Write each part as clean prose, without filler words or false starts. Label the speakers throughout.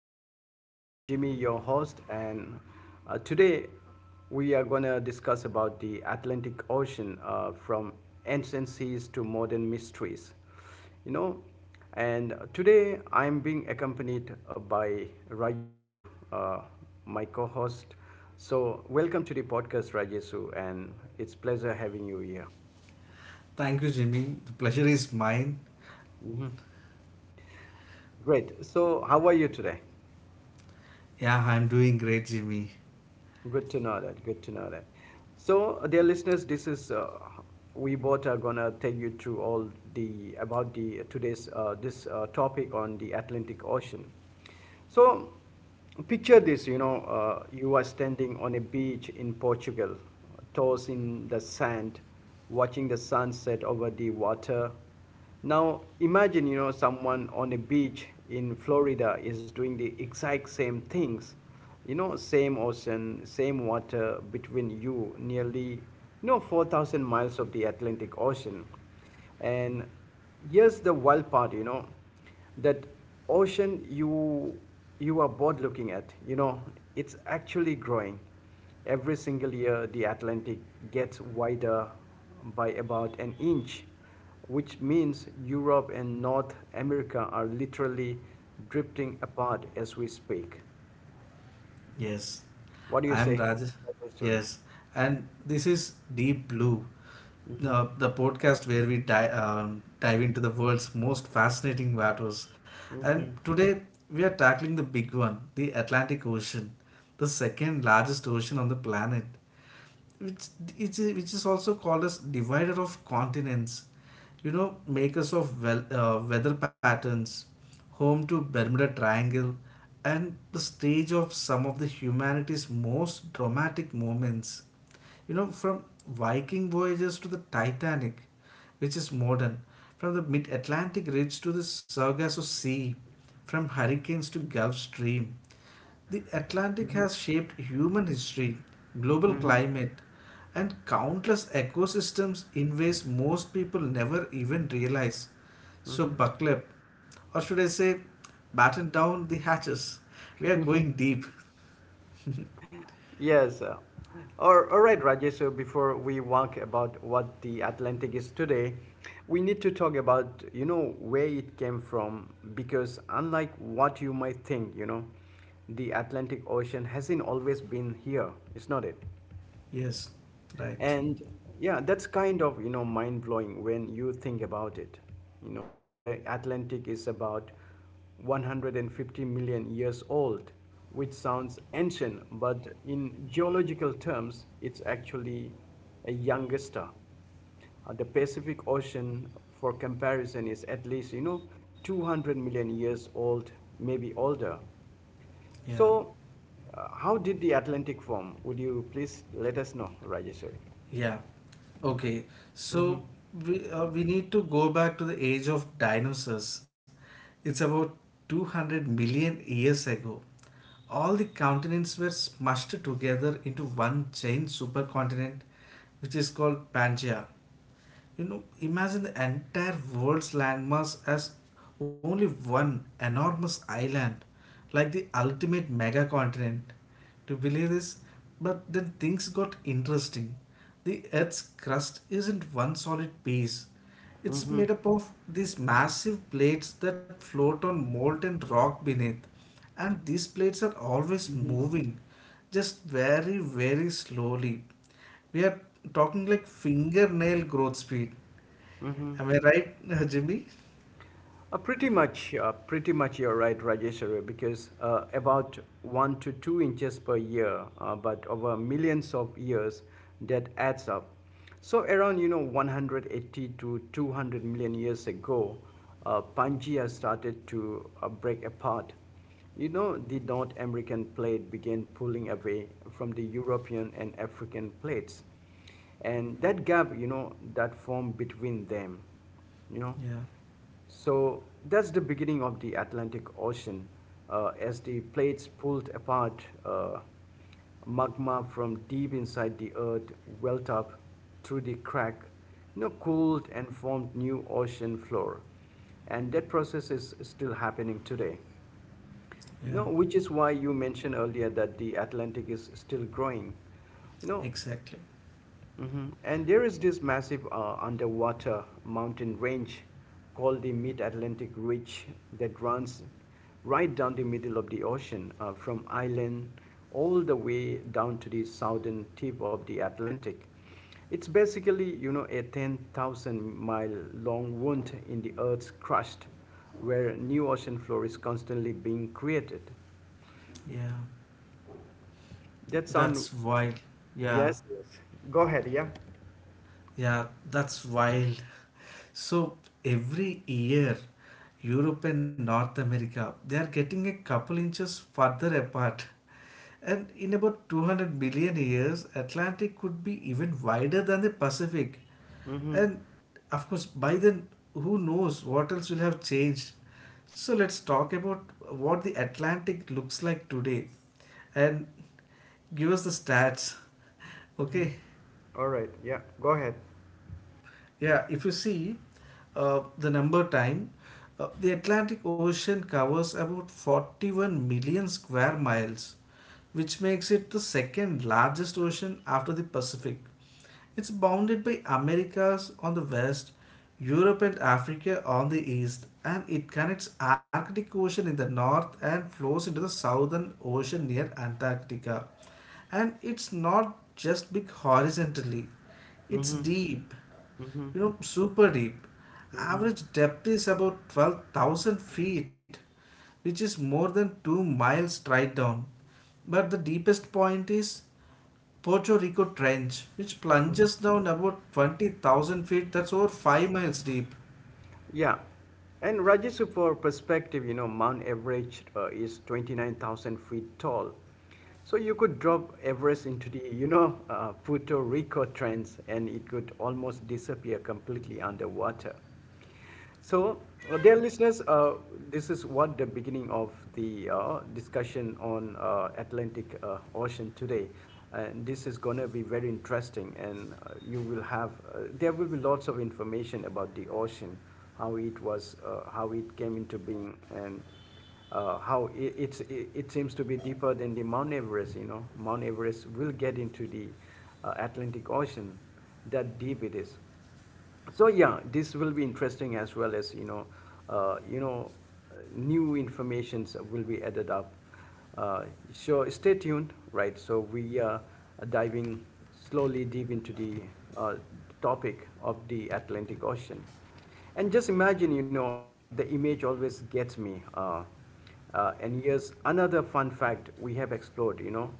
Speaker 1: podcast. I'm Jimmy, your host, and today we are going to discuss about the Atlantic Ocean from ancient seas to modern mysteries. You know, and today I'm being accompanied by Rajesu, uh, my co-host. So welcome to the podcast, Rajesu, and it's pleasure having you here.
Speaker 2: Thank you, Jimmy. The pleasure is mine.
Speaker 1: Mhm. Great. So how are you today?
Speaker 2: Yeah, I'm doing great, Jimmy.
Speaker 1: Good to know that. Good to know that. So, dear listeners, this is we both are gonna take you through all the about the today's this topic on the Atlantic Ocean. So, picture this. You know, you are standing on a beach in Portugal, toes in the sand, watching the sunset over the water. Now, imagine, you know, someone on a beach in Florida is doing the exact same things. You know, same ocean, same water between you, nearly, you know, 4,000 miles of the Atlantic Ocean. And here's the wild part, you know, that ocean you are both looking at, you know, it's actually growing. Every single year, the Atlantic gets wider by about an inch, which means Europe and North America are literally drifting apart as we speak.
Speaker 2: Yes,
Speaker 1: What do you
Speaker 2: I'm
Speaker 1: say,
Speaker 2: Raj.
Speaker 1: Professor?
Speaker 2: Yes, and this is Deep Blue,
Speaker 1: Mm-hmm.
Speaker 2: the podcast where we dive into the world's most fascinating waters. And
Speaker 1: Mm-hmm.
Speaker 2: today we are tackling the big one, the Atlantic Ocean, the second largest ocean on the planet. Which which is also called as divider of continents, you know, makers of weather patterns, home to Bermuda Triangle, and the stage of some of the humanity's most dramatic moments, you know, from Viking voyages to the Titanic, which is modern, from the Mid Atlantic Ridge to the Sargasso Sea, from hurricanes to Gulf Stream. The Atlantic has shaped human history, global climate, and countless ecosystems in ways most people never even realize. So, buckle up, or should I say, batten down the hatches. We are going deep.
Speaker 1: Yes. All right, Rajesh. So before we walk about what the Atlantic is today, we need to talk about, you know, where it came from because unlike what you might think, you know, the Atlantic Ocean hasn't always been here. It's not it.
Speaker 2: Yes, right.
Speaker 1: And yeah, that's kind of, you know, mind blowing when you think about it. You know, the atlantic is about 150 million years old, which sounds ancient, but in geological terms it's actually a younger star. The Pacific Ocean, for comparison, is at least, you know, 200 million years old, maybe older.
Speaker 2: Yeah.
Speaker 1: So, how did the Atlantic form? Would you please let us know, Rajeshwari?
Speaker 2: Yeah. Okay. So we need to go back to the age of dinosaurs. It's about 200 million years ago. All the continents were smushed together into one giant supercontinent, which is called Pangea. You know, imagine the entire world's landmass as only one enormous island, like the ultimate mega continent. To believe this, but then things got interesting. The Earth's crust isn't one solid piece. It's made up of these massive plates that float on molten rock beneath. And these plates are always moving, just very, very slowly. We are talking like fingernail growth speed. Am I right, Jimmy?
Speaker 1: Pretty much you're right, Rajeshwari, because about 1 to 2 inches per year, but over millions of years, that adds up. So around, you know, 180 to 200 million years ago, Pangea started to break apart. You know, the North American plate began pulling away from the European and African plates. And that gap, you know, that formed between them, you know.
Speaker 2: Yeah,
Speaker 1: So that's the beginning of the Atlantic Ocean. As the plates pulled apart, magma from deep inside the earth welled up through the crack, you know, cooled and formed new ocean floor. And that process is still happening today.
Speaker 2: yeah,
Speaker 1: You know, which is why you mentioned earlier that the Atlantic is still growing. You know.
Speaker 2: exactly.
Speaker 1: Mhm. And there is this massive underwater mountain range called the Mid Atlantic Ridge that runs right down the middle of the ocean from Ireland all the way down to the southern tip of the Atlantic. It's basically, you know, a 10,000 mile long wound in the Earth's crust where new ocean floor is constantly being created.
Speaker 2: Yeah,
Speaker 1: That sound,
Speaker 2: that's wild. Yeah,
Speaker 1: yes, yes. Go ahead, yeah.
Speaker 2: yeah, that's wild. So every year, Europe and North America, they are getting a couple inches further apart. And in about 200 billion years, Atlantic could be even wider than the Pacific.
Speaker 1: Mm-hmm.
Speaker 2: And of course, by then, who knows what else will have changed. So let's talk about what the Atlantic looks like today and give us the stats.
Speaker 1: Mm-hmm.
Speaker 2: Okay.
Speaker 1: All right. Yeah. Go ahead.
Speaker 2: Yeah, if you see the number time, the Atlantic Ocean covers about 41 million square miles, which makes it the second largest ocean after the Pacific. It's bounded by Americas on the west, Europe and Africa on the east, and it connects Arctic Ocean in the north and flows into the southern ocean near Antarctica. And it's not just big horizontally, it's
Speaker 1: Hmm.
Speaker 2: deep, you know, super deep. Average depth is about 12,000 feet, which is more than 2 miles straight down. But the deepest point is Pocho Rico Trench, which plunges down about 20,000 feet, that's over 5 miles deep.
Speaker 1: Yeah. And Rajesh, for perspective, you know, Mount Everest is 29,000 feet tall. So you could drop Everest into the, you know, Puerto Rico trends and it could almost disappear completely underwater. So, dear listeners, this is what the beginning of the discussion on Atlantic Ocean today. And this is going to be very interesting, and you will have there will be lots of information about the ocean, how it was, how it came into being, and how it, it's, it seems to be deeper than the Mount Everest. You know, Mount Everest will get into the Atlantic Ocean. That deep it is. So yeah, this will be interesting as well as, you know, uh, you know new informations will be added up. uh, so stay tuned, right? So we are diving slowly deep into the uh, topic of the atlantic ocean. And just imagine, you know, the image always gets me. And here's another fun fact, we have explored, you know,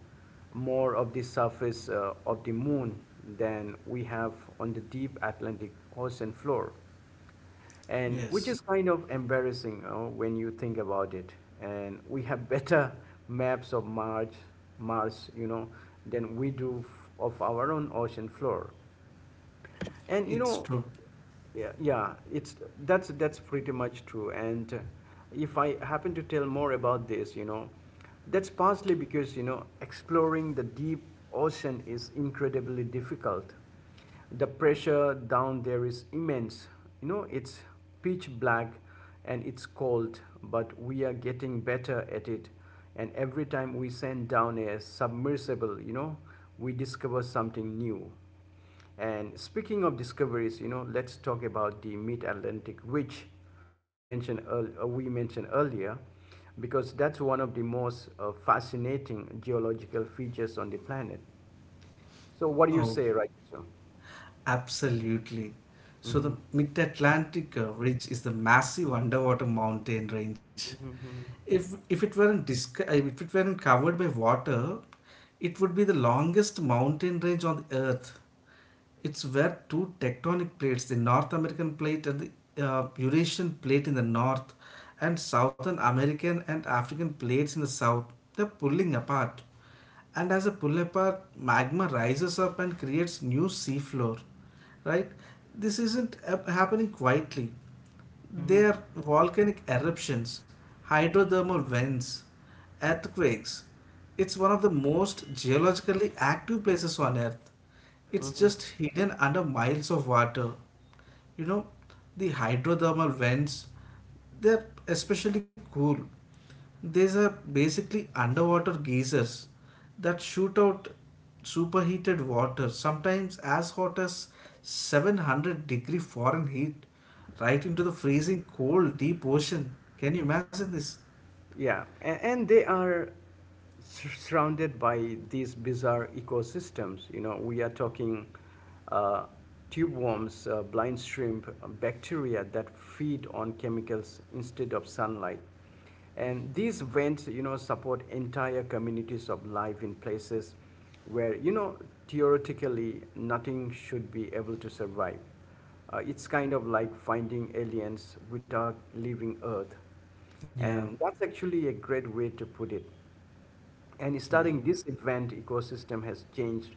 Speaker 1: more of the surface of the moon than we have on the deep Atlantic ocean floor. And which
Speaker 2: Yes,
Speaker 1: is kind of embarrassing, you know, when you think about it. And we have better maps of Mars, Mars, you know, than we do of our own ocean floor. And you
Speaker 2: it's
Speaker 1: know,
Speaker 2: true.
Speaker 1: yeah, yeah, it's that's pretty much true. And if I happen to tell more about this, you know, that's partly because, you know, exploring the deep ocean is incredibly difficult. The pressure down there is immense. You know, it's pitch black and it's cold, but we are getting better at it. And every time we send down a submersible, you know, we discover something new. And speaking of discoveries, you know, let's talk about the mid-Atlantic, which we mentioned earlier, because that's one of the most fascinating geological features on the planet. So, what do you
Speaker 2: Oh,
Speaker 1: say, right? So.
Speaker 2: absolutely. So the
Speaker 1: Hmm.
Speaker 2: mid-Atlantic ridge is the massive underwater mountain range.
Speaker 1: Hmm.
Speaker 2: If it weren't disc- if it weren't covered by water, it would be the longest mountain range on the earth. It's where two tectonic plates, the North American plate and the Eurasian plate in the north, and Southern American and African plates in the south, they're pulling apart. And as they pull apart, magma rises up and creates new seafloor, right? This isn't happening quietly. They are volcanic eruptions, hydrothermal vents, earthquakes. It's one of the most geologically active places on Earth. It's just
Speaker 1: Hmm.
Speaker 2: hidden under miles of water. You know, the hydrothermal vents, they're especially cool. These are basically underwater geysers that shoot out superheated water, sometimes as hot as 700-degree foreign heat, right into the freezing cold deep ocean. Can you imagine this?
Speaker 1: Yeah, and they are surrounded by these bizarre ecosystems. You know, we are talking uh, tube worms, blind shrimp, bacteria that feed on chemicals instead of sunlight. And these vents, you know, support entire communities of life in places where, you know, theoretically nothing should be able to survive. It's kind of like finding aliens without leaving Earth.
Speaker 2: Yeah,
Speaker 1: And that's actually a great way to put it. And
Speaker 2: yeah,
Speaker 1: starting this event ecosystem has changed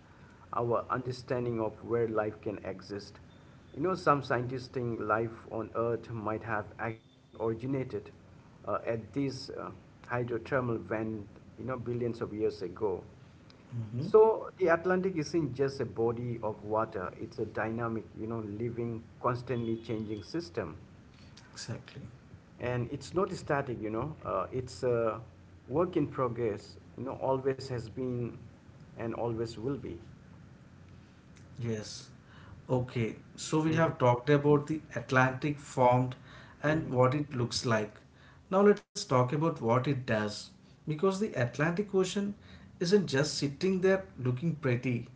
Speaker 1: our understanding of where life can exist. You know, some scientists think life on Earth might have actually originated at this hydrothermal vent, you know, billions of years ago.
Speaker 2: mm-hmm,
Speaker 1: So the Atlantic isn't just a body of water, it's a dynamic, you know, living, constantly changing system.
Speaker 2: exactly.
Speaker 1: And it's not static, you know, it's a work in progress, you know, always has been and always will be.
Speaker 2: Yes. Okay. So we
Speaker 1: Mm-hmm.
Speaker 2: have talked about the Atlantic formed and
Speaker 1: Mm-hmm.
Speaker 2: what it looks like. Now let's talk about what it does. Because the Atlantic Ocean isn't just sitting there looking pretty,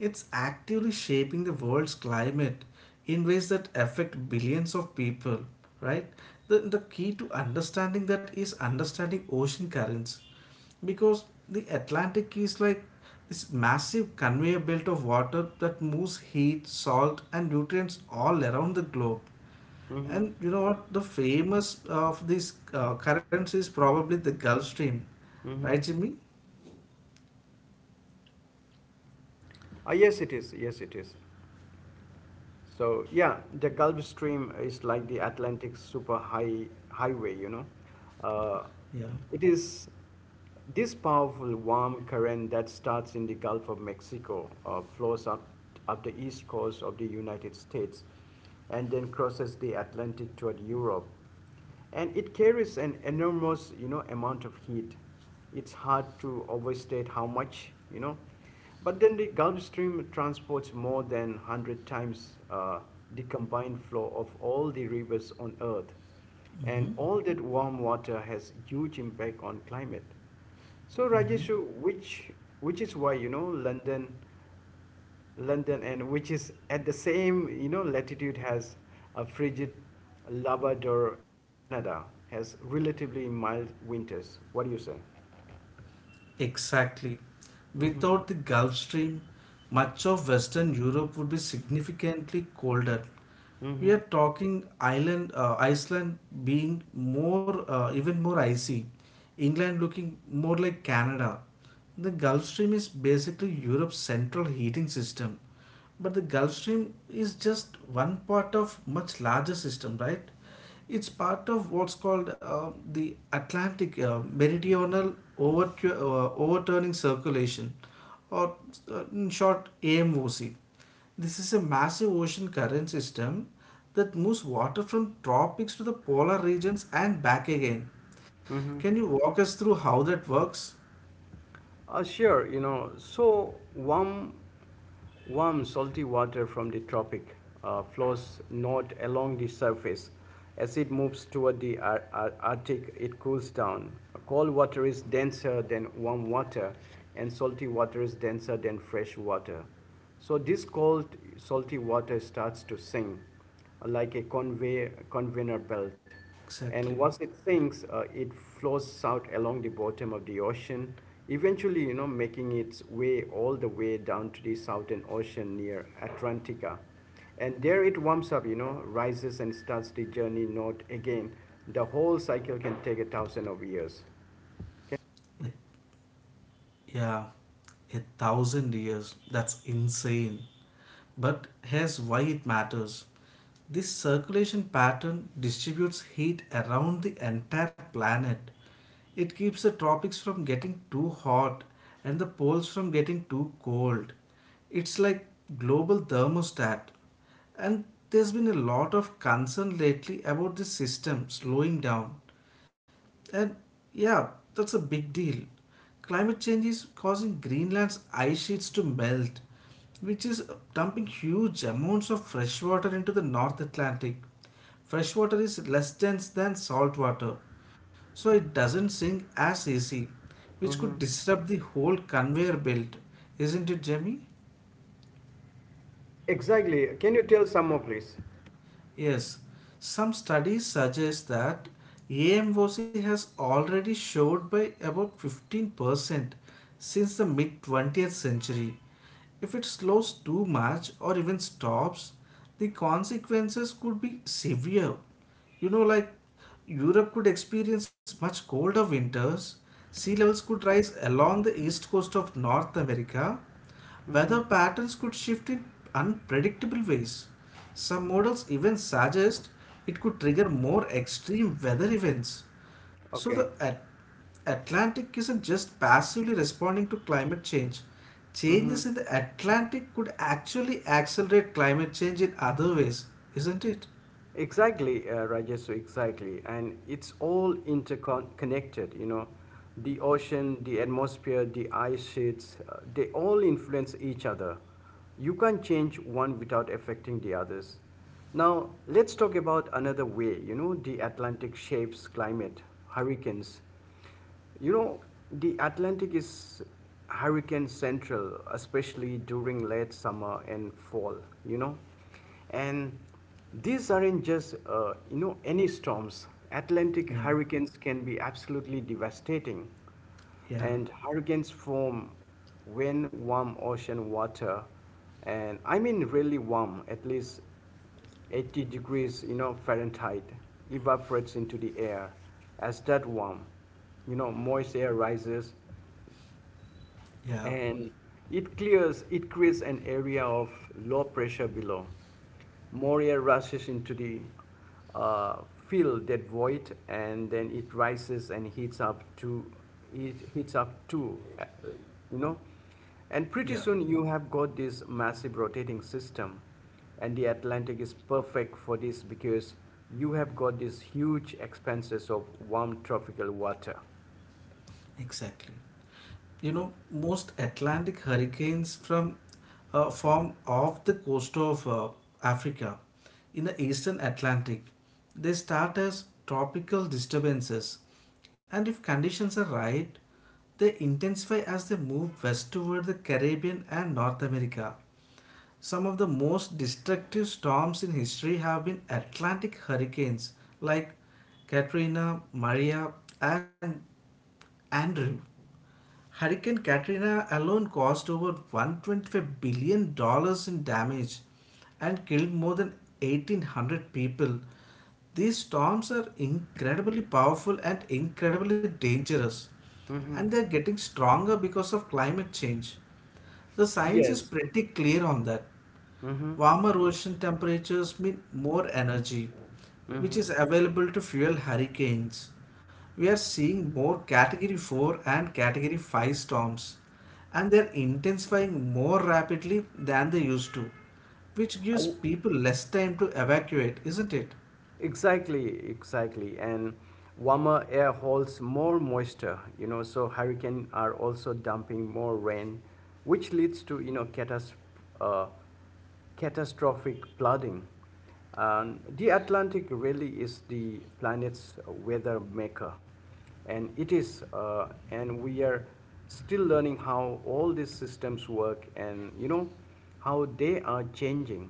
Speaker 2: it's actively shaping the world's climate in ways that affect billions of people, right? The key to understanding that is understanding ocean currents, because the Atlantic is like this massive conveyor belt of water that moves heat, salt, and nutrients all around the globe.
Speaker 1: Mm-hmm.
Speaker 2: And you know what? The famous of these currents is probably the Gulf Stream,
Speaker 1: Mm-hmm.
Speaker 2: right, Jimmy?
Speaker 1: Ah yes it is, yes it is. So yeah, the Gulf Stream is like the Atlantic super high highway, you know. Uh,
Speaker 2: Yeah.
Speaker 1: it is this powerful warm current that starts in the Gulf of Mexico, flows up the east coast of the United States, and then crosses the Atlantic toward Europe, and it carries an enormous, you know, amount of heat. It's hard to overstate how much, you know, but then the gulf stream transports more than 100 times the combined flow of all the rivers on earth. And
Speaker 2: Mm-hmm.
Speaker 1: all that warm water has huge impact on climate. So rajeshu, which which is why, you know, London, and which is at the same, you know, latitude has a frigid Labrador in Canada, has relatively mild winters. What do you say?
Speaker 2: Exactly.
Speaker 1: Mm-hmm.
Speaker 2: Without the Gulf Stream, much of Western Europe would be significantly colder. We
Speaker 1: Mm-hmm.
Speaker 2: are talking Iceland being even more icy, England looking more like Canada. The Gulf Stream is basically Europe's central heating system, but the Gulf Stream is just one part of much larger system, right? It's part of what's called the Atlantic Meridional Overturning Circulation, or in short, AMOC. This is a massive ocean current system that moves water from tropics to the polar regions and back again. Can
Speaker 1: Mm-hmm.
Speaker 2: you walk us through how that works?
Speaker 1: Sure. Warm, salty water from the tropic flows north along the surface. As it moves toward the Arctic, it cools down. Cold water is denser than warm water, and salty water is denser than fresh water. So this cold, salty water starts to sink like a conveyor belt. And
Speaker 2: Exactly.
Speaker 1: once it sinks, it flows out along the bottom of the ocean, eventually, you know, making its way all the way down to the Southern Ocean near Atlantica. And there it warms up, you know, rises and starts the journey north again. The whole cycle can take a thousand of years.
Speaker 2: Yeah, a thousand years. That's insane. But here's why it matters. This circulation pattern distributes heat around the entire planet. It keeps the tropics from getting too hot and the poles from getting too cold. It's like global thermostat. And there's been a lot of concern lately about this system slowing down. And yeah, that's a big deal. Climate change is causing Greenland's ice sheets to melt, which is dumping huge amounts of fresh water into the North Atlantic. Fresh water is less dense than salt water, so it doesn't sink as easy, which could disrupt the whole conveyor belt. Isn't it, Jamie?
Speaker 1: Exactly. Can you tell some more, please?
Speaker 2: Yes, some studies suggest that AMOC has already showed by about 15% since the mid 20th century. If it slows too much or even stops, the consequences could be severe. You know, like Europe could experience much colder winters, sea levels could rise along the east coast of North America,
Speaker 1: Mm-hmm.
Speaker 2: weather patterns could shift in unpredictable ways. Some models even suggest it could trigger more extreme weather events. So
Speaker 1: Okay.
Speaker 2: Atlantic isn't just passively responding to climate change.
Speaker 1: Mm-hmm.
Speaker 2: Changes in the Atlantic could actually accelerate climate change in other ways, isn't it?
Speaker 1: Exactly, Rajesh, exactly. And it's all interconnected, you know. The ocean, the atmosphere, the ice sheets, they all influence each other. You can't change one without affecting the others. Now, let's talk about another way, you know, the Atlantic shapes climate, hurricanes. You know, the Atlantic is hurricane central, especially during late summer and fall, you know. And these aren't just, you know, any storms. Atlantic
Speaker 2: Yeah,
Speaker 1: hurricanes can be absolutely devastating,
Speaker 2: yeah,
Speaker 1: and hurricanes form when warm ocean water, and I mean really warm, at least 80 degrees, you know, fahrenheit, evaporates into the air. As that warm, you know, moist air rises
Speaker 2: yeah,
Speaker 1: and it creates an area of low pressure below, more air rushes into the uh, fill that void, and then it rises and heats up to, you know, and pretty
Speaker 2: yeah,
Speaker 1: soon you have got this massive rotating system. And the atlantic is perfect for this because you have got these huge expanses of warm tropical water.
Speaker 2: exactly. You know, most Atlantic hurricanes from form off the coast of Africa in the eastern Atlantic. They start as tropical disturbances, and if conditions are right, they intensify as they move west toward the Caribbean and North America. Some of the most destructive storms in history have been Atlantic hurricanes like Katrina, Maria, and Andrew. Hurricane Katrina alone caused over $125 billion dollars in damage and killed more than 1800 people. These storms are incredibly powerful and incredibly dangerous, and
Speaker 1: Hmm.
Speaker 2: they're getting stronger because of climate change. The science is
Speaker 1: Yes.
Speaker 2: pretty clear on that.
Speaker 1: Hmm.
Speaker 2: Warmer ocean temperatures mean more energy, which
Speaker 1: Hmm.
Speaker 2: is available to fuel hurricanes. We are seeing more Category 4 and Category 5 storms, and they are intensifying more rapidly than they used to, which gives
Speaker 1: Uh,
Speaker 2: people less time to evacuate, isn't it?
Speaker 1: Exactly, exactly. And warmer air holds more moisture, you know, so hurricanes are also dumping more rain, which leads to, you know, uh, catastrophic flooding. The Atlantic really is the planet's weather maker, and it is and we are still learning how all these systems work, and you know how they are changing.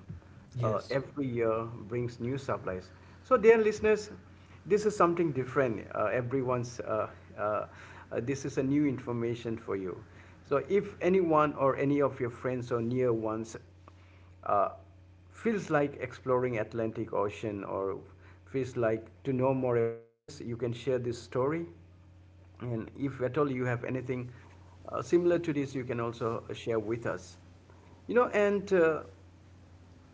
Speaker 2: Yes,
Speaker 1: Every year brings new supplies. So dear listeners, this is something different. Everyone's uh, uh, this is a new information for you. So if anyone or any of your friends or near ones uh, feels like exploring Atlantic Ocean, or feels like to know more about this, you can share this story. And if at all you have anything similar to this, you can also share with us. You know, and uh,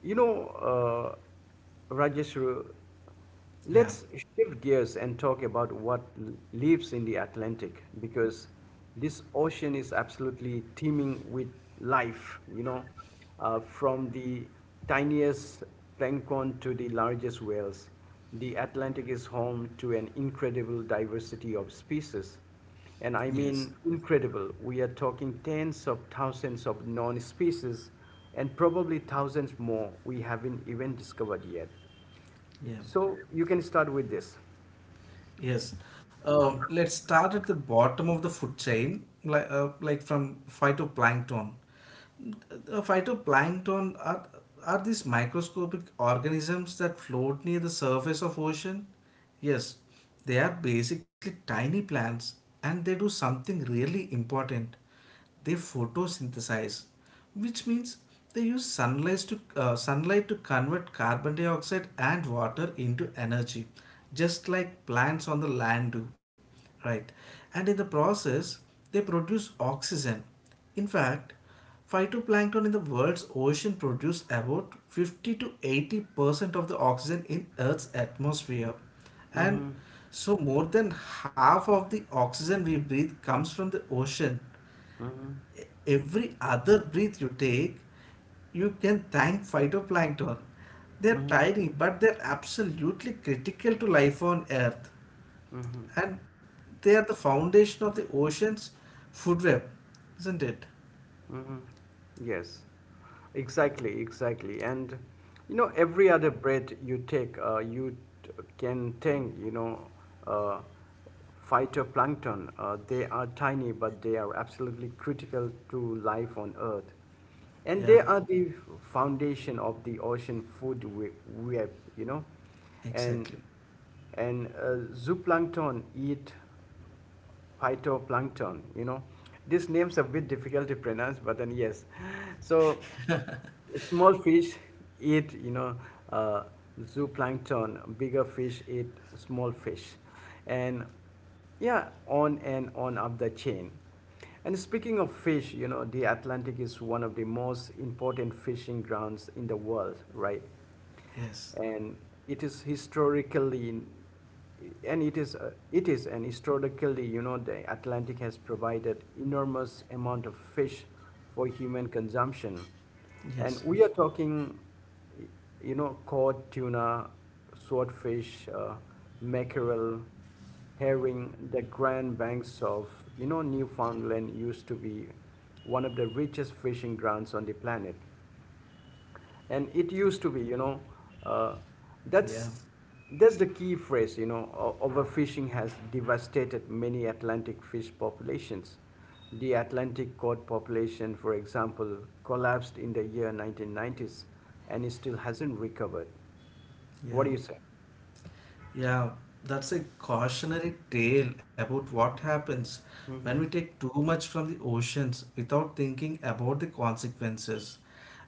Speaker 1: you know, Rajesh, let's
Speaker 2: yeah,
Speaker 1: shift gears and talk about what lives in the Atlantic, because this ocean is absolutely teeming with life, from the tiniest plankton to the largest whales. The Atlantic is home to an incredible diversity of species. And I
Speaker 2: yes,
Speaker 1: mean, incredible. We are talking tens of thousands of known species, and probably thousands more we haven't even discovered yet.
Speaker 2: yeah,
Speaker 1: So you can start with this.
Speaker 2: yes. Let's start at the bottom of the food chain, like from phytoplankton. The phytoplankton are these microscopic organisms that float near the surface of ocean? Yes, they are basically tiny plants and they do something really important. They photosynthesize, which means they use sunlight to convert carbon dioxide and water into energy, just like plants on the land do. Right. And in the process, they produce oxygen. In fact, phytoplankton in the world's ocean produce about 50 to 80% of the oxygen in Earth's atmosphere. And
Speaker 1: Mm-hmm.
Speaker 2: so, more than half of the oxygen we breathe comes from the ocean.
Speaker 1: Mm-hmm.
Speaker 2: E- Every other breath you take, you can thank phytoplankton. They're
Speaker 1: Mm-hmm.
Speaker 2: tiny, but they're absolutely critical to life on Earth. And they are the foundation of the ocean's food web, isn't it?
Speaker 1: Hmm. Yes, exactly, exactly. And you know, every other breath you take, you t- can think, you know, uh, phytoplankton. They are tiny, but they are absolutely critical to life on Earth. And they
Speaker 2: Yeah,
Speaker 1: are the foundation of the ocean web, you know. And
Speaker 2: exactly.
Speaker 1: and zooplankton eat phytoplankton, you know. These names are a bit difficult to pronounce, but then yes. So small fish eat, you know, uh, zooplankton. Bigger fish eat small fish, and yeah, on and on up the chain. And speaking of fish, you know, the Atlantic is one of the most important fishing grounds in the world, right?
Speaker 2: Yes.
Speaker 1: And it is historically and it is and historically, you know, the Atlantic has provided enormous amount of fish for human consumption. And
Speaker 2: Yes.
Speaker 1: we are talking, you know, cod, tuna, swordfish, mackerel, herring. The grand banks of, you know, Newfoundland used to be one of the richest fishing grounds on the planet. And it used to be, you know, uh,
Speaker 2: Yeah.
Speaker 1: that's that's the key phrase, you know. Overfishing has devastated many Atlantic fish populations. The Atlantic cod population, for example, collapsed in the year 1990s, and it still hasn't recovered. What do
Speaker 2: Yeah.
Speaker 1: you say?
Speaker 2: Yeah, that's a cautionary tale about what happens when we
Speaker 1: Mm-hmm.
Speaker 2: take too much from the oceans without thinking about the consequences.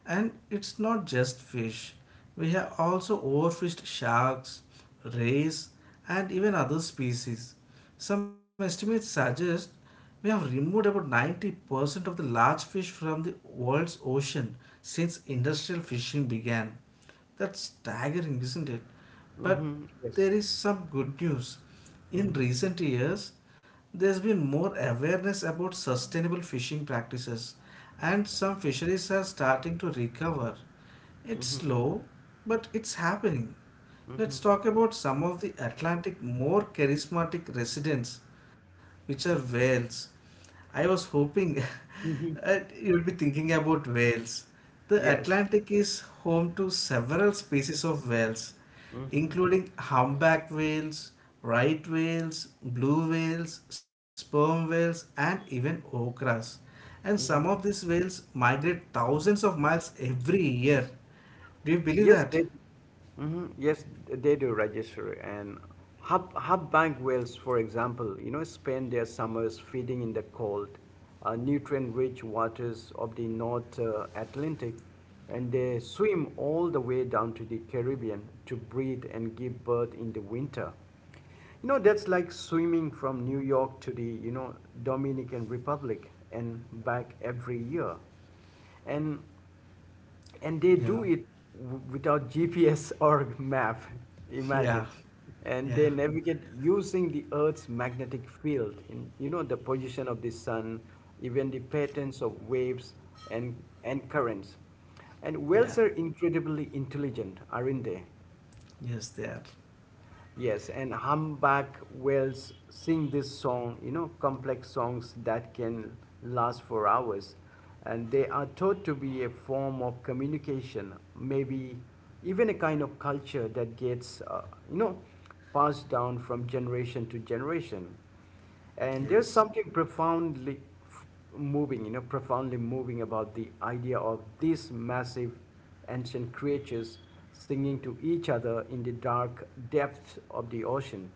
Speaker 2: And it's not just fish. We have also overfished sharks, rays, and even other species. Some estimates suggest we have removed about 90% of the large fish from the world's ocean since industrial fishing began. That's staggering, isn't it? But
Speaker 1: Mm-hmm. Yes.
Speaker 2: there is some good news. In recent years, there's been more awareness about sustainable fishing practices, and some fisheries are starting to recover. It's
Speaker 1: Mm-hmm.
Speaker 2: slow, but it's happening.
Speaker 1: Mm-hmm.
Speaker 2: Let's talk about some of the Atlantic more charismatic residents, which are whales. I was hoping
Speaker 1: Hmm.
Speaker 2: that you'd be thinking about whales. The
Speaker 1: Yes.
Speaker 2: Atlantic is home to several species of whales,
Speaker 1: Mm-hmm.
Speaker 2: including humpback whales, right whales, blue whales, sperm whales, and even okras. And some of these whales migrate thousands of miles every year. Do you believe
Speaker 1: Yes,
Speaker 2: that?
Speaker 1: yes, they do register. And hub bank whales, for example, you know, spend their summers feeding in the cold, nutrient-rich waters of the North Atlantic, and they swim all the way down to the Caribbean to breed and give birth in the winter. You know, that's like swimming from New York to the, you know, Dominican Republic and back every year. And and they do
Speaker 2: Yeah,
Speaker 1: it without GPS or map.
Speaker 2: yeah,
Speaker 1: Imagine. And
Speaker 2: yeah,
Speaker 1: they navigate using the Earth's magnetic field, in you know, the position of the sun, even the patterns of waves and and currents. And
Speaker 2: yeah.
Speaker 1: whales are incredibly intelligent, aren't they?
Speaker 2: Yes, they are.
Speaker 1: Yes, and humpback whales sing this song, you know, complex songs that can last for hours. And they are thought to be a form of communication, maybe even a kind of culture that gets, you know, passed down from generation to generation. And there's
Speaker 2: Yes,
Speaker 1: something profoundly moving, you know, profoundly moving about the idea of these massive ancient creatures singing to each other in the dark depths of the ocean.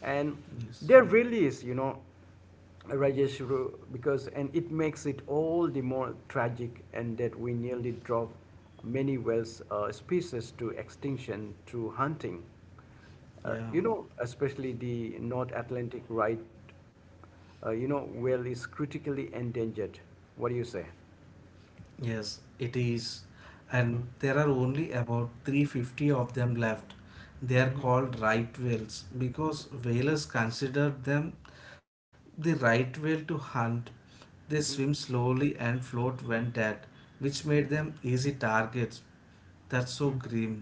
Speaker 1: And
Speaker 2: yes,
Speaker 1: there really is, you know, Rajesh, because and it makes it all the more tragic, and that we nearly drop many whales species to extinction through hunting.
Speaker 2: yeah.
Speaker 1: You know, especially the North Atlantic right whale is critically endangered. What do you say?
Speaker 2: Yes, it is. And there are only about 350 of them left. They are called right whales because whalers consider them the right whale to hunt. They swim slowly and float when dead, which made them easy targets. That's so grim.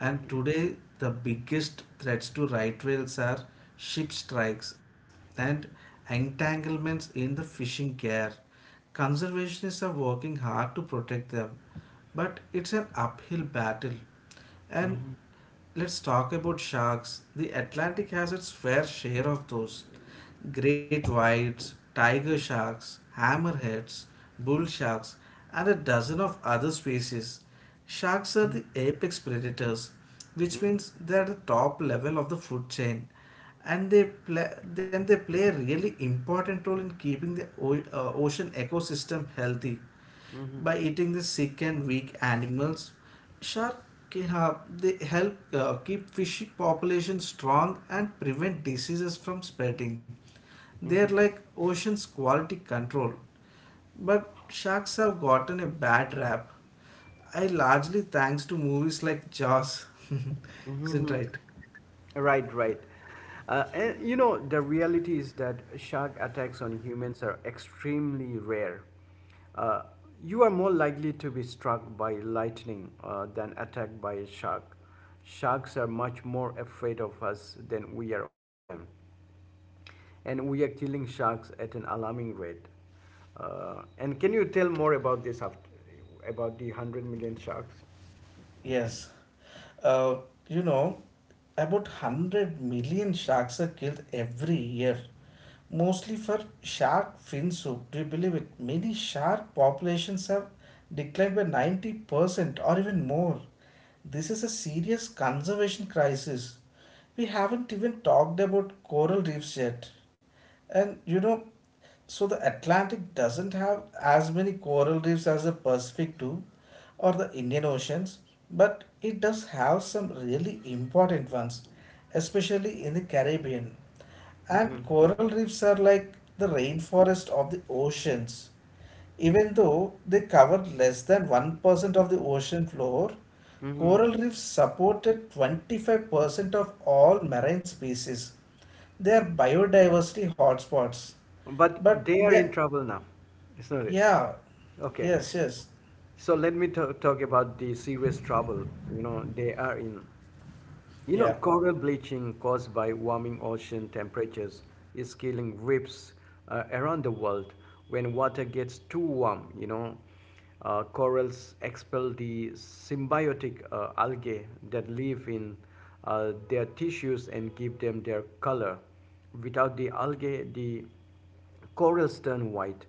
Speaker 2: And today, the biggest threats to right whales are ship strikes and entanglements in the fishing gear. Conservationists are working hard to protect them, but it's an uphill battle. And let's talk about sharks. The Atlantic has its fair share of those. Great whites, tiger sharks, hammerheads, bull sharks, and a dozen of other species. Sharks are the apex predators, which means they are the top level of the food chain, and then they play a really important role in keeping the ocean ecosystem healthy. By eating the sick and weak animals, shark they help keep fish population strong and prevent diseases from spreading. They are like ocean's quality control. But sharks have gotten a bad rap. I largely thanks to movies like Jaws. Isn't right?
Speaker 1: Right, right. And you know, the reality is that shark attacks on humans are extremely rare. Uh, you are more likely to be struck by lightning than attacked by a shark. Sharks are much more afraid of us than we are of them. And we are killing sharks at an alarming rate. And can you tell more about this about the 100 million sharks?
Speaker 2: Yes. Uh, you know, about 100 million sharks are killed every year, mostly for shark fin soup. Do you believe it? Many shark populations have declined by 90% or even more. This is a serious conservation crisis. We haven't even talked about coral reefs yet. And so the Atlantic doesn't have as many coral reefs as the Pacific do or the Indian Oceans, but it does have some really important ones, especially in the Caribbean.
Speaker 1: Mm-hmm.
Speaker 2: And coral reefs are like the rainforest of the oceans. Even though they cover less than 1% of the ocean floor,
Speaker 1: Mm-hmm.
Speaker 2: coral reefs supported 25% of all marine species. They are biodiversity hotspots.
Speaker 1: But
Speaker 2: But
Speaker 1: they are in
Speaker 2: the
Speaker 1: trouble now, isn't it?
Speaker 2: Yeah,
Speaker 1: Okay.
Speaker 2: yes, yes,
Speaker 1: So let me talk about the serious trouble, you know, they are in. You know,
Speaker 2: yeah,
Speaker 1: coral bleaching caused by warming ocean temperatures is killing reefs around the world. When water gets too warm, you know, corals expel the symbiotic algae that live in their tissues and give them their color. Without the algae, the corals turn white,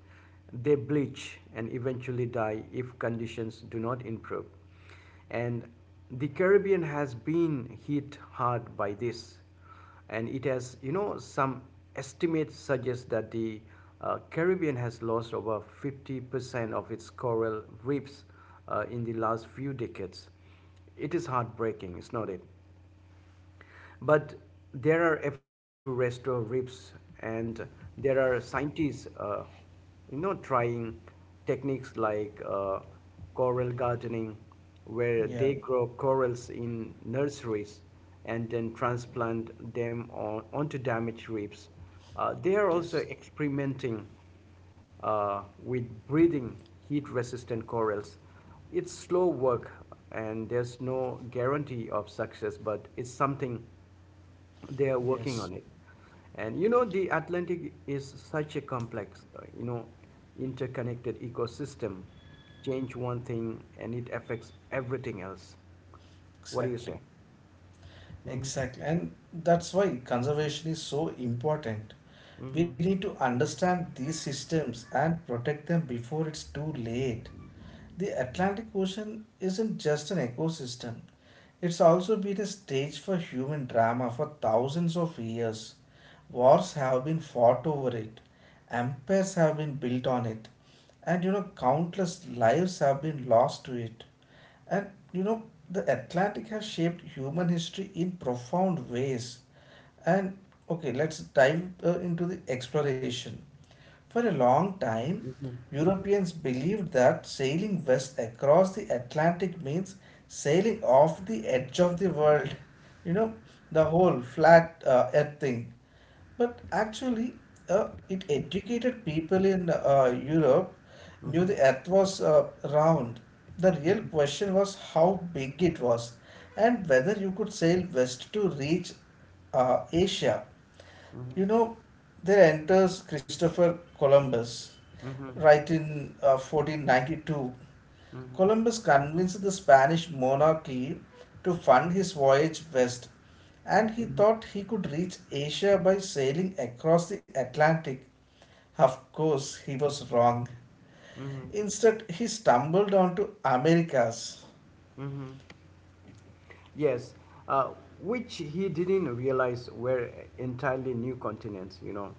Speaker 1: they bleach and eventually die if conditions do not improve. And the Caribbean has been hit hard by this. And it has, you know, some estimates suggest that the Caribbean has lost over 50% of its coral reefs in the last few decades. It is heartbreaking, is not it? But there are efforts to restore reefs, and there are scientists, you know, trying techniques like coral gardening, where
Speaker 2: yeah,
Speaker 1: they grow corals in nurseries and then transplant them onto damaged reefs. They are
Speaker 2: yes,
Speaker 1: also experimenting with breeding heat resistant corals. It's slow work and there's no guarantee of success, but it's something they are working
Speaker 2: yes,
Speaker 1: on it. And you know, the Atlantic is such a complex, you know, interconnected ecosystem. Change one thing and it affects everything else. What do you
Speaker 2: exactly,
Speaker 1: say? Mhm,
Speaker 2: exactly. And that's why conservation is so important. We
Speaker 1: mhm,
Speaker 2: need to understand these systems and protect them before it's too late. The Atlantic Ocean isn't just an ecosystem, it's also been a stage for human drama for thousands of years. Wars have been fought over it, empires have been built on it, and countless lives have been lost to it. And the Atlantic has shaped human history in profound ways. And okay, let's dive into the exploration. For a long time,
Speaker 1: mhm,
Speaker 2: Europeans believed that sailing west across the Atlantic means sailing off the edge of the world, you know, the whole flat earth thing. But actually, it educated people in Europe knew the earth was round. The real question was how big it was and whether you could sail west to reach Asia.
Speaker 1: mhm,
Speaker 2: You know, there enters Christopher Columbus
Speaker 1: mhm,
Speaker 2: right in 1492.
Speaker 1: mhm,
Speaker 2: Columbus convinced the Spanish monarchy to fund his voyage west, and he
Speaker 1: mhm,
Speaker 2: thought he could reach Asia by sailing across the Atlantic. Of course, he was wrong.
Speaker 1: mhm.
Speaker 2: Instead, he stumbled onto Americas.
Speaker 1: Mhm. Yes, uh, which he didn't realize were entirely new continents, you know.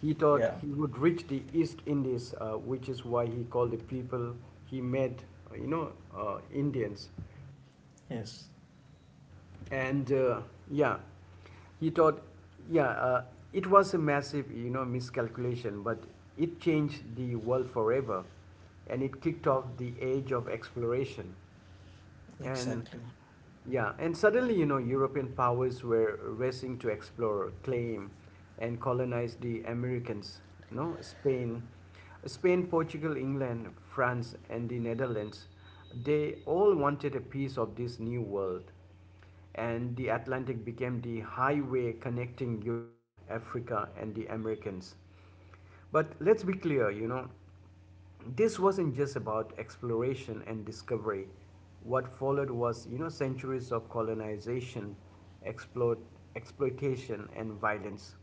Speaker 1: He
Speaker 2: Yeah.
Speaker 1: thought he would reach the East Indies, which is why he called the people he met, Indians.
Speaker 2: Yes.
Speaker 1: And yeah he thought, yeah uh, it was a massive, you know, miscalculation, but it changed the world forever, and it kicked off the age of exploration. And
Speaker 2: Exactly.
Speaker 1: yeah, and suddenly, you know, European powers were racing to explore, claim, and colonize the Americans, you know, Spain, Portugal, England, France, and the Netherlands. They all wanted a piece of this new world, and the Atlantic became the highway connecting Europe, Africa, and the Americans. But let's be clear, you know, this wasn't just about exploration and discovery. What followed was, you know, centuries of colonization, exploit, exploitation, and violence.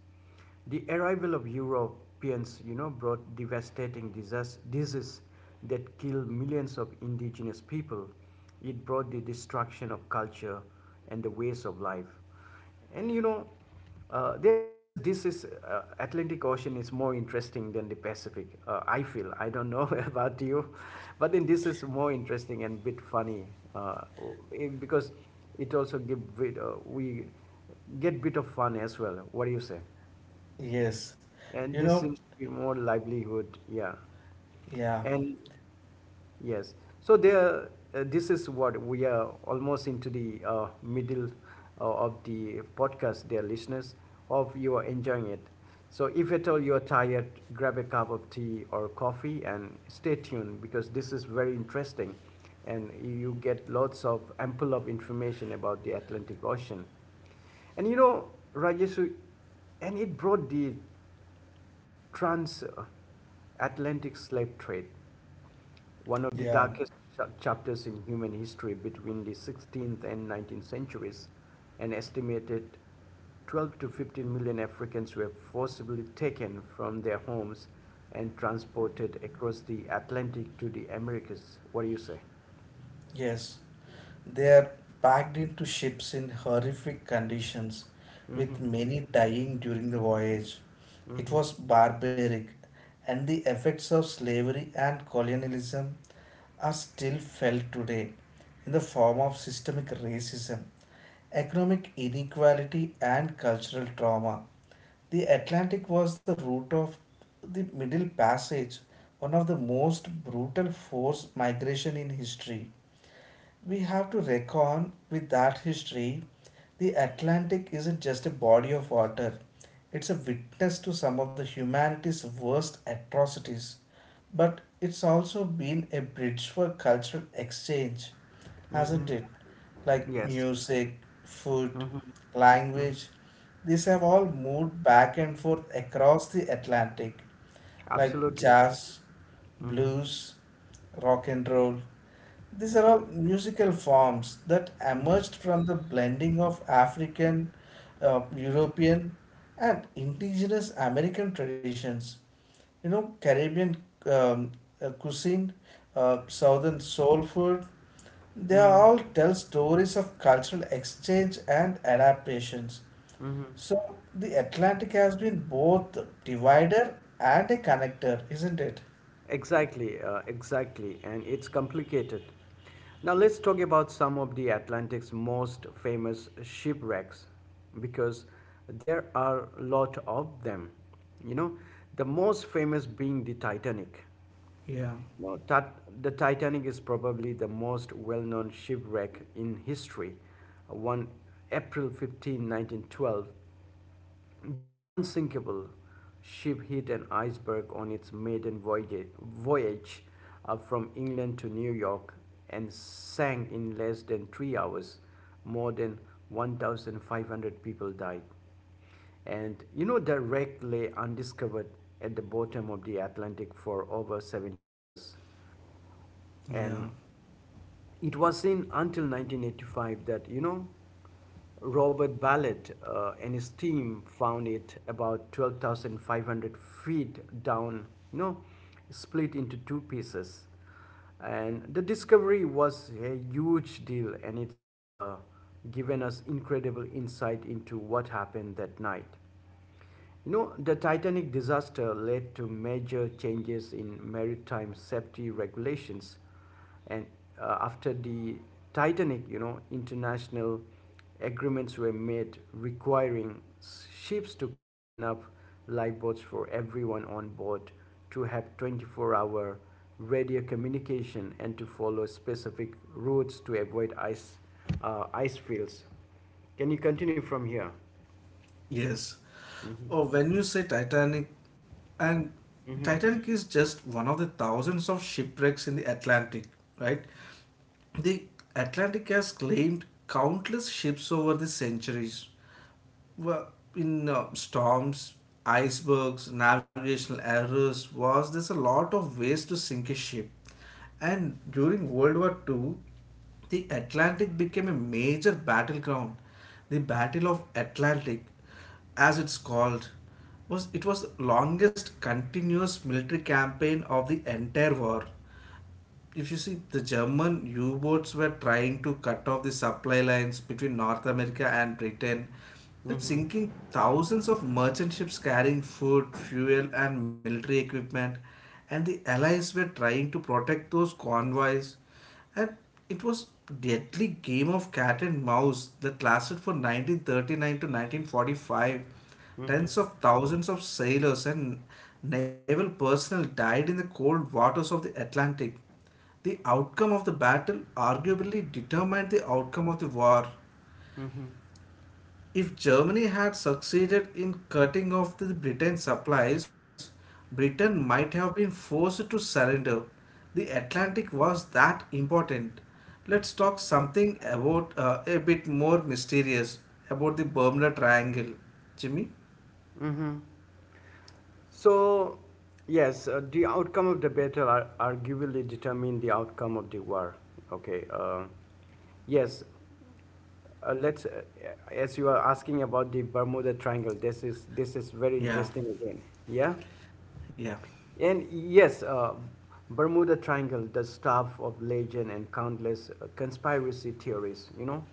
Speaker 1: The arrival of Europeans, you know, brought devastating disease that killed millions of indigenous people. It brought the destruction of culture and the ways of life. And you know, dear listeners, this is Atlantic Ocean is more interesting than the Pacific. I feel I don't know about you, but then this is more interesting and bit funny uh, because it also give bit, we get bit of fun as well. What do you say?
Speaker 2: Yes.
Speaker 1: And
Speaker 2: You
Speaker 1: this
Speaker 2: know,
Speaker 1: seems to be more livelihood, yeah.
Speaker 2: yeah,
Speaker 1: And yes. So there, this is what we are almost into the middle of the podcast, dear listeners. Hope you are enjoying it. So if at all you are tired, grab a cup of tea or coffee and stay tuned, because this is very interesting, and you get lots of ample of information about the Atlantic Ocean. And you know, Rajesh, and it brought the transatlantic slave trade, one of the
Speaker 2: yeah,
Speaker 1: darkest chapters in human history, between the 16th and 19th centuries. An estimated 12 to 15 million Africans were forcibly taken from their homes and transported across the Atlantic to the Americas. What do you say?
Speaker 2: yes. They are packed into ships in horrific conditions, with
Speaker 1: Mm-hmm.
Speaker 2: many dying during the voyage. It
Speaker 1: Mm-hmm.
Speaker 2: was barbaric, and the effects of slavery and colonialism are still felt today in the form of systemic racism, economic inequality, and cultural trauma. The Atlantic was the route of the Middle Passage, one of the most brutal forced migration in history. We have to reckon with that history. The Atlantic isn't just a body of water, it's a witness to some of the humanity's worst atrocities. But it's also been a bridge for cultural exchange, hasn't it? Like
Speaker 1: Yes,
Speaker 2: music, food, language, these have all moved back and forth across the Atlantic, like
Speaker 1: absolutely.
Speaker 2: jazz, blues, rock and roll. These are all musical forms that emerged from the blending of African, European, and indigenous American traditions. Caribbean um, cuisine, Southern soul food, they
Speaker 1: Mm-hmm.
Speaker 2: all tell stories of cultural exchange and adaptations. So, the Atlantic has been both divider and a connector, isn't it?
Speaker 1: Exactly, exactly, and it's complicated. Now let's talk about some of the Atlantic's most famous shipwrecks, because there are a lot of them. You know, the most famous being the Titanic.
Speaker 2: Yeah,
Speaker 1: No, Tat- The Titanic is probably the most well-known shipwreck in history. One April 15, 1912, the unsinkable ship hit an iceberg on its maiden voyage from England to New York, and sank in less than 3 hours. More than 1,500 people died, and you know the wreck lay undiscovered at the bottom of the Atlantic for over 70 years.
Speaker 2: yeah.
Speaker 1: And it was in until 1985 that you know Robert Ballard and his team found it about 12,500 feet down, you know, split into two pieces. And the discovery was a huge deal, and it's given us incredible insight into what happened that night. You know, the Titanic disaster led to major changes in maritime safety regulations. And after the Titanic, you know, international agreements were made requiring ships to carry enough lifeboats for everyone on board, to have 24-hour radio communication, and to follow specific routes to avoid ice fields. Can you continue from here?
Speaker 2: Yes.
Speaker 1: Mm-hmm.
Speaker 2: Oh, when you say Titanic, and
Speaker 1: Mm-hmm.
Speaker 2: Titanic is just one of the thousands of shipwrecks in the Atlantic, right? The Atlantic has claimed countless ships over the centuries, well, in storms, icebergs, navigational errors, was there's a lot of ways to sink a ship. And during World War II, the Atlantic became a major battleground. The Battle of Atlantic, as it's called, was the longest continuous military campaign of the entire war if you see the German U-boats were trying to cut off the supply lines between North America and Britain, that
Speaker 1: Mm-hmm.
Speaker 2: sinking thousands of merchant ships carrying food, fuel, and military equipment, and the Allies were trying to protect those convoys, and it was deadly game of cat and mouse that lasted from 1939 to 1945.
Speaker 1: Mm-hmm.
Speaker 2: Tens of thousands of sailors and naval personnel died in the cold waters of the Atlantic. The outcome of the battle arguably determined the outcome of the war. If Germany had succeeded in cutting off the Britain's supplies, Britain might have been forced to surrender. The Atlantic was that important. Let's talk something about a bit more mysterious about the Bermuda Triangle. Jimmy?
Speaker 1: Mm-hmm. So, yes, the outcome of the battle are arguably determine the outcome of the war. Okay. Yes. Uh, let's, uh, as you are asking about the Bermuda Triangle, this is very
Speaker 2: Yeah,
Speaker 1: interesting again. Yeah.
Speaker 2: yeah,
Speaker 1: And yes, Bermuda Triangle, the stuff of legend and countless conspiracy theories, you know.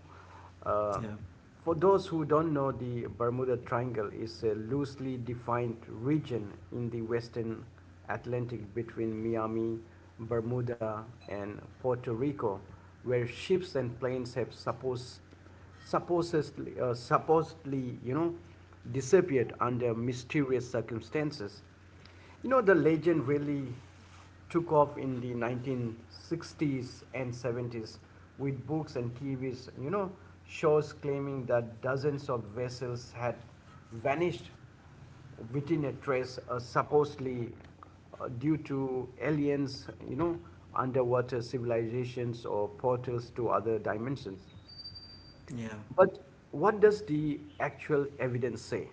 Speaker 1: Uh,
Speaker 2: yeah,
Speaker 1: for those who don't know, the Bermuda Triangle is a loosely defined region in the western Atlantic between Miami, Bermuda, and Puerto Rico, where ships and planes have supposedly disappeared under mysterious circumstances. You know, the legend really took off in the 1960s and '70s with books and TVs, you know, shows claiming that dozens of vessels had vanished within a trace, supposedly due to aliens, you know, underwater civilizations or portals to other dimensions.
Speaker 2: yeah,
Speaker 1: But what does the actual evidence say?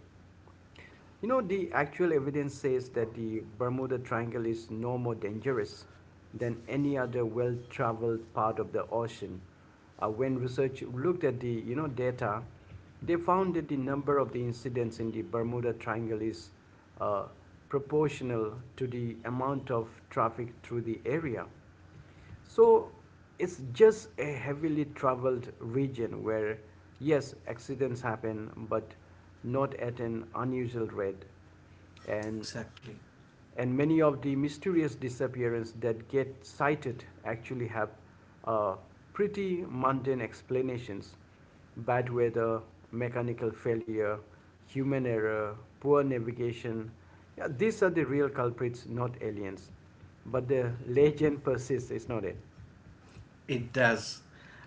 Speaker 1: You know, the actual evidence says that the Bermuda Triangle is no more dangerous than any other well-traveled part of the ocean. When research looked at the data, they found that the number of the incidents in the Bermuda Triangle is uh, proportional to the amount of traffic through the area. So it's just a heavily traveled region where, yes, accidents happen, but not at an unusual rate. And
Speaker 2: exactly.
Speaker 1: and many of the mysterious disappearances that get cited actually have uh, pretty mundane explanations: bad weather, mechanical failure, human error, poor navigation. Yeah, these are the real culprits, not aliens. But the legend persists, it's not it?
Speaker 2: It does.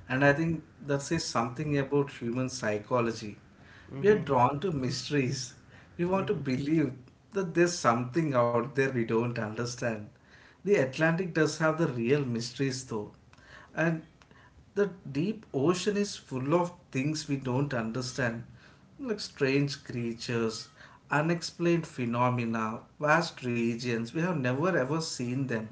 Speaker 2: And I think that says something about human psychology. We are
Speaker 1: Mm-hmm,
Speaker 2: drawn to mysteries. We want to
Speaker 1: mm-hmm,
Speaker 2: believe that there's something out there we don't understand. The Atlantic does have the real mysteries, though. And the deep ocean is full of things we don't understand, like strange creatures, unexplained phenomena, vast regions. We have never ever seen them.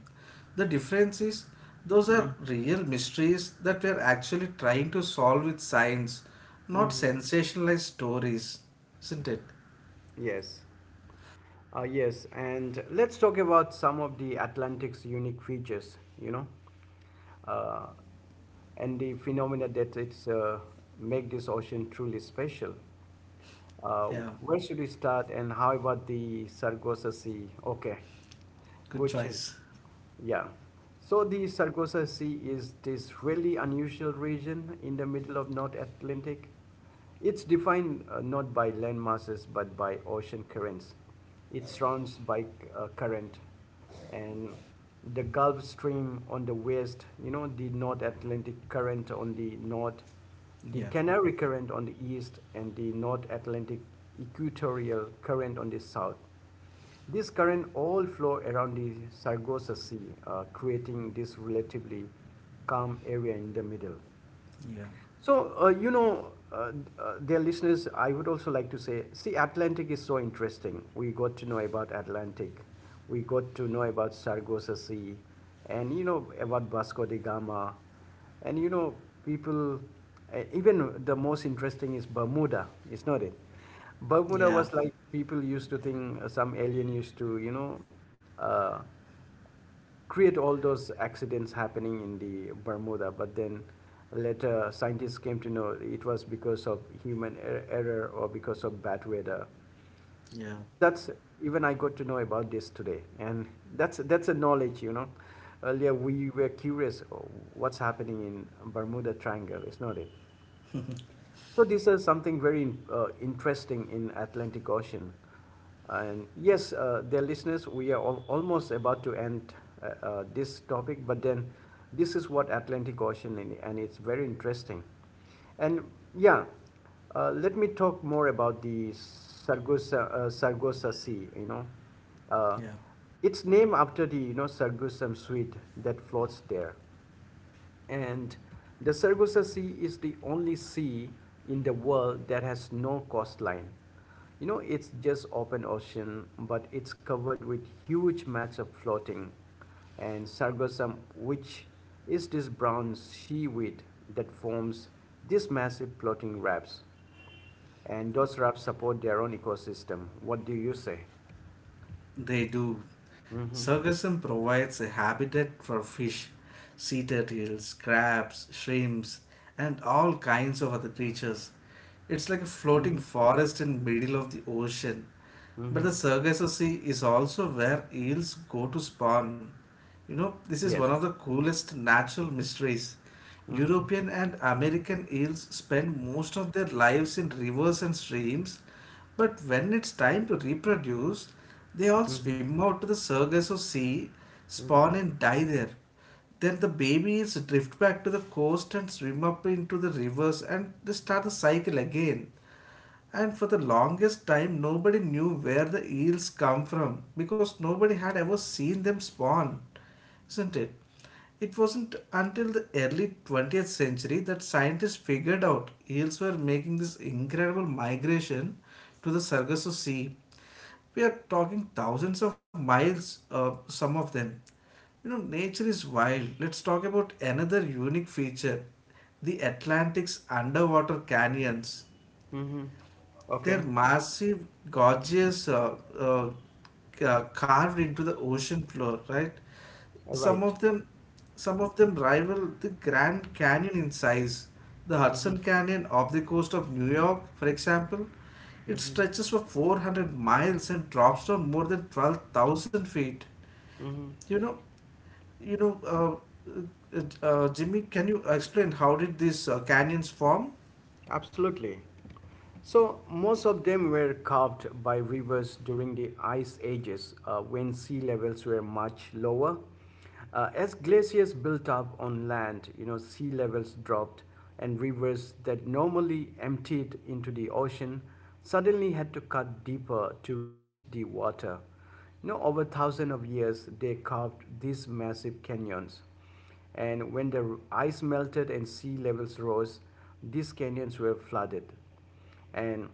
Speaker 2: The difference is those are real mysteries that we are actually trying to solve with science, not
Speaker 1: mm-hmm.
Speaker 2: sensationalized stories. Isn't it?
Speaker 1: Yes, yes, and let's talk about some of the Atlantic's unique features. You know, uh, and the phenomena that it's make this ocean truly special. Uh,
Speaker 2: Yeah,
Speaker 1: where should we start, and how about the Sargasso Sea? Okay,
Speaker 2: good
Speaker 1: good. ch-
Speaker 2: choice.
Speaker 1: yeah. So the Sargasso Sea is this really unusual region in the middle of North Atlantic. It's defined not by land masses but by ocean currents. It's surrounded by current and the Gulf Stream on the west, you know, the North Atlantic Current on the north, the
Speaker 2: Yeah,
Speaker 1: Canary Current on the east, and the North Atlantic Equatorial Current on the south. This current all flow around the Sargasso Sea, creating this relatively calm area in the middle.
Speaker 2: yeah,
Speaker 1: So, uh, you know, uh, Dear listeners, I would also like to say, see, Atlantic is so interesting. We got to know about Atlantic, we got to know about Sargasso Sea, and you know about Vasco da Gama, and you know people. Even the most interesting is Bermuda, is not it? Bermuda was
Speaker 2: yeah,
Speaker 1: like people used to think some alien used to, you know, uh, create all those accidents happening in the Bermuda. But then later scientists came to know it was because of human error or because of bad weather. So
Speaker 2: yeah,
Speaker 1: now that's even I got to know about this today, and that's a knowledge, you know. Earlier we were curious oh, what's happening in Bermuda Triangle, is not it? So this is something very interesting in Atlantic Ocean. And yes, dear listeners, we are almost about to end this topic, but then this is what Atlantic Ocean in, and it's very interesting. And yeah, let me talk more about the Sargasso Sea, you know. Uh,
Speaker 2: yeah.
Speaker 1: it's named after the, you know, Sargassum sweet that floats there. And the Sargasso Sea is the only sea in the world that has no coastline. You know, it's just open ocean, but it's covered with huge mats of floating and sargassum, which is this brown seaweed that forms these massive floating wraps. And those wraps support their own ecosystem. What do you say?
Speaker 2: They do.
Speaker 1: Mm-hmm.
Speaker 2: Sargassum provides a habitat for fish, sea turtles, crabs, shrimps, and all kinds of other creatures. It's like a floating
Speaker 1: Mm-hmm.
Speaker 2: forest in middle of the ocean. But
Speaker 1: Mm-hmm.
Speaker 2: the Sargasso Sea is also where eels go to spawn. This is one of the
Speaker 1: Yes.
Speaker 2: coolest natural mysteries. European and American eels spend most of their lives in rivers and streams, but when it's time to reproduce, they all
Speaker 1: Mm-hmm.
Speaker 2: swim out to the circus or sea,
Speaker 1: Mm-hmm.
Speaker 2: spawn and die there. Then the babies drift back to the coast and swim up into the rivers and they start the cycle again. And for the longest time, nobody knew where the eels come from because nobody had ever seen them spawn, isn't it? It wasn't until the early 20th century that scientists figured out eels were making this incredible migration to the Sargasso Sea. We are talking thousands of miles, some of them. Nature is wild. Let's talk about another unique feature the Atlantic's underwater canyons.
Speaker 1: Mm-hmm. Okay.
Speaker 2: They're massive, gorgeous, carved into the ocean floor, right?
Speaker 1: All
Speaker 2: Some
Speaker 1: right.
Speaker 2: of them, some of them rival the Grand Canyon in size. The
Speaker 1: Mm-hmm.
Speaker 2: Hudson Canyon off the coast of New York, for example, it
Speaker 1: Mm-hmm.
Speaker 2: stretches for 400 miles and drops down more than 12,000 feet.
Speaker 1: Mm-hmm.
Speaker 2: You know, Jimmy, can you explain how did these canyons form?
Speaker 1: Absolutely. So most of them were carved by rivers during the ice ages when sea levels were much lower. As glaciers built up on land, you know, sea levels dropped and rivers that normally emptied into the ocean suddenly had to cut deeper to reach the water. You know, over thousands of years, they carved these massive canyons. And when the ice melted and sea levels rose, these canyons were flooded and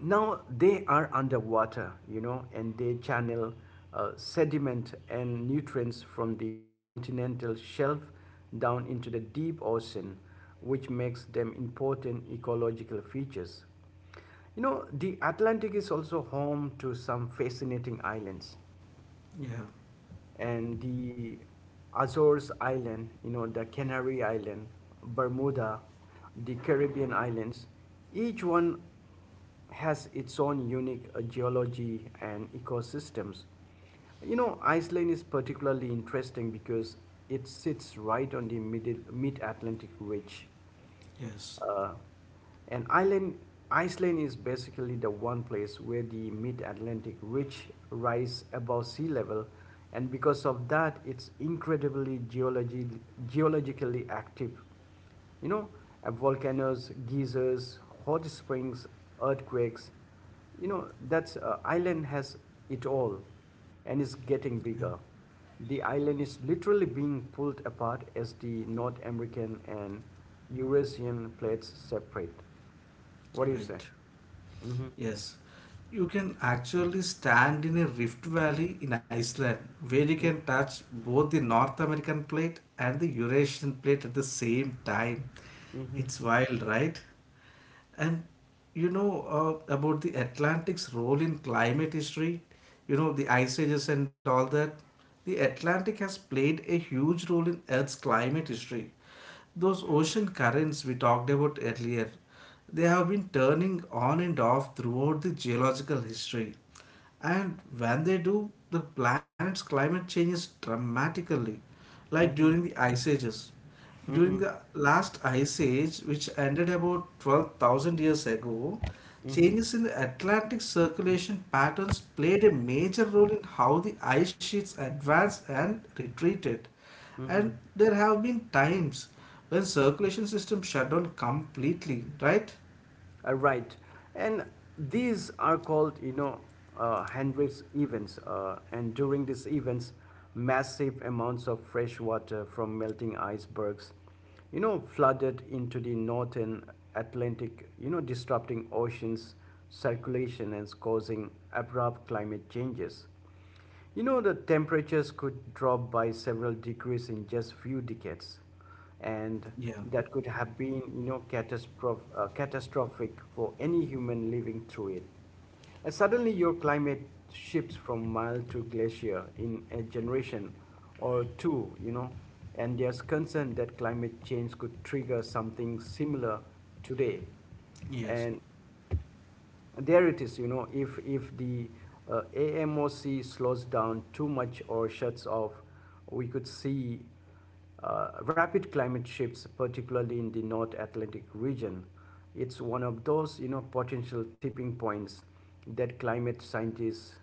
Speaker 1: now they are underwater, you know, and they channel sediment and nutrients from the continental shelf down into the deep ocean, which makes them important ecological features. You know, the Atlantic is also home to some fascinating islands,
Speaker 2: Yeah,
Speaker 1: and the Azores Island, you know, the Canary Island, Bermuda, the Caribbean islands, each one has its own unique geology and ecosystems. You know, Iceland is particularly interesting because it sits right on the mid Atlantic Ridge,
Speaker 2: yes,
Speaker 1: uh, and Ireland, Iceland is basically the one place where the mid-Atlantic ridge rise above sea level, and because of that, it's incredibly geologically active. You know, volcanoes, geysers, hot springs, earthquakes. You know, that's island has it all and is getting
Speaker 2: yeah,
Speaker 1: bigger. The island is literally being pulled apart as the North American and Eurasian plates separate. What do you say?
Speaker 2: right.
Speaker 1: Mm-hmm.
Speaker 2: Yes, you can actually stand in a rift valley in Iceland where you can touch both the North American plate and the Eurasian plate at the same time.
Speaker 1: Mm-hmm.
Speaker 2: It's wild, right? And about the Atlantic's role in climate history, the ice ages and all that. The Atlantic has played a huge role in Earth's climate history. Those ocean currents we talked about earlier, they have been turning on and off throughout the geological history. And when they do, the planet's climate changes dramatically, like
Speaker 1: Mm-hmm. Mm-hmm.
Speaker 2: during the ice ages. During
Speaker 1: Mm-hmm.
Speaker 2: the last ice age, which ended about 12,000 years ago,
Speaker 1: Mm-hmm.
Speaker 2: changes in the Atlantic circulation patterns played a major role in how the ice sheets advanced and retreated.
Speaker 1: Mm-hmm.
Speaker 2: And there have been times when circulation system shut down completely, right?
Speaker 1: Right. And these are called, you know, Hendrix events. And during these events, massive amounts of fresh water from melting icebergs, you know, flooded into the northern Atlantic, you know, disrupting oceans circulation and causing abrupt climate changes. You know, the temperatures could drop by several degrees in just few decades, and
Speaker 2: Yeah.
Speaker 1: that could have been, you know, catastrophic for any human living through it. And suddenly, your climate shifts from mild to glacier in a generation or two, you know, and there's concern that climate change could trigger something similar today.
Speaker 2: Yes.
Speaker 1: And there it is, you know, if the AMOC slows down too much or shuts off, we could see rapid climate shifts particularly in the North Atlantic region. It's one of those, you know, potential tipping points that climate scientists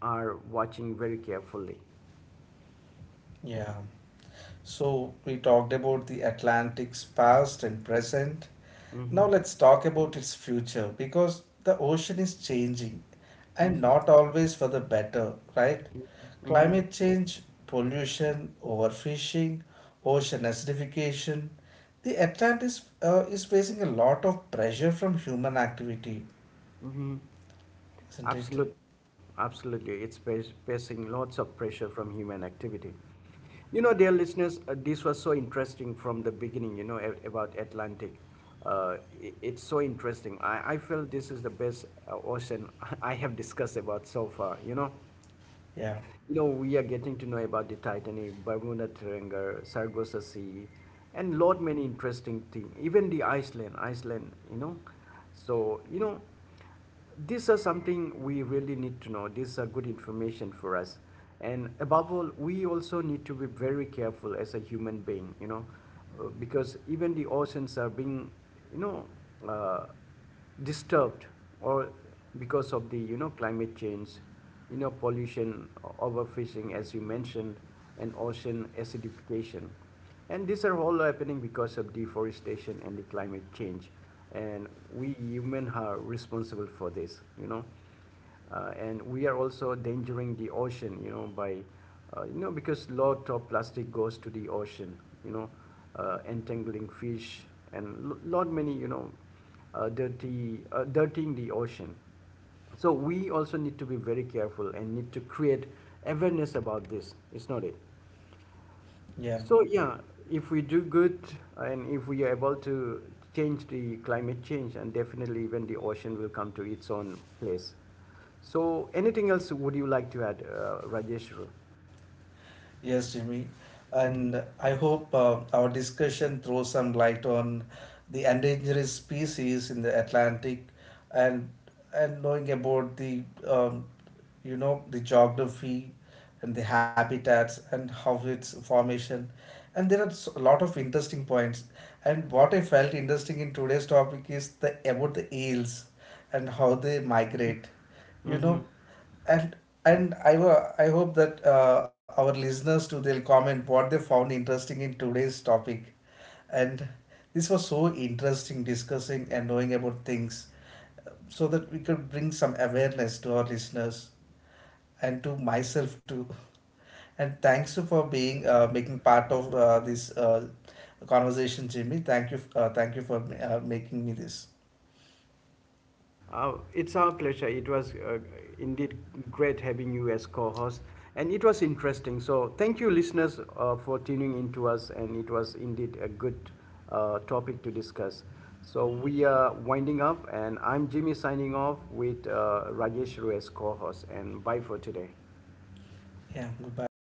Speaker 1: are watching very carefully.
Speaker 2: Yeah. So we talked about the Atlantic's past and present. Now
Speaker 1: Hmm.
Speaker 2: let's talk about its future because the ocean is changing and
Speaker 1: Hmm.
Speaker 2: not always for the better, right?
Speaker 1: Hmm.
Speaker 2: Climate change, pollution, overfishing, ocean acidification. The Atlantis is facing a lot of pressure from human activity.
Speaker 1: Hmm.
Speaker 2: Isn't it?
Speaker 1: Absolutely, absolutely. It's facing lots of pressure from human activity. You know, dear listeners, this was so interesting from the beginning, you know, about Atlantic. Uh, it's so interesting. I feel this is the best ocean I have discussed about so far, you know.
Speaker 2: Yeah,
Speaker 1: You know, we are getting to know about the Titanic, Bermuda Triangle, Sargasso Sea, and lot many interesting thing. Even the Iceland, you know. So, you know, these are something we really need to know. These are good information for us. And above all, we also need to be very careful as a human being, you know, because even the oceans are being, you know, uh, disturbed or because of the, you know, climate change, you know, pollution, overfishing as you mentioned, and ocean acidification, and these are all happening because of deforestation and the climate change, and we human are responsible for this, you know. And we are also endangering the ocean, you know, by, you know, because a lot of plastic goes to the ocean, you know, entangling fish and lot many, you know, dirtying the ocean. So we also need to be very careful and need to create awareness about this. It's not it.
Speaker 2: yeah.
Speaker 1: So yeah, if we do good and if we are able to change the climate change, and definitely even the ocean will come to its own place. So anything else would you like to add, Rajesh?
Speaker 2: Yes, Jimmy. And I hope our discussion throws some light on the endangered species in the Atlantic and knowing about the um, you know the geography and the habitats and how its formation, and there are a lot of interesting points, and what I felt interesting in today's topic is the about the eels and how they migrate, you know and and I hope that our listeners too they'll comment what they found interesting in today's topic, and this was so interesting discussing and knowing about things so that we could bring some awareness to our listeners and to myself too. And thanks you for being making part of this conversation, Jimmy. Thank you for making me this.
Speaker 1: It's our pleasure. It was indeed great having you as co host, and it was interesting. So, thank you, listeners, for tuning in to us, and it was indeed a good topic to discuss. So, we are winding up, and I'm Jimmy signing off with Rajesh Rue as co host, and bye for today.
Speaker 2: Yeah, goodbye.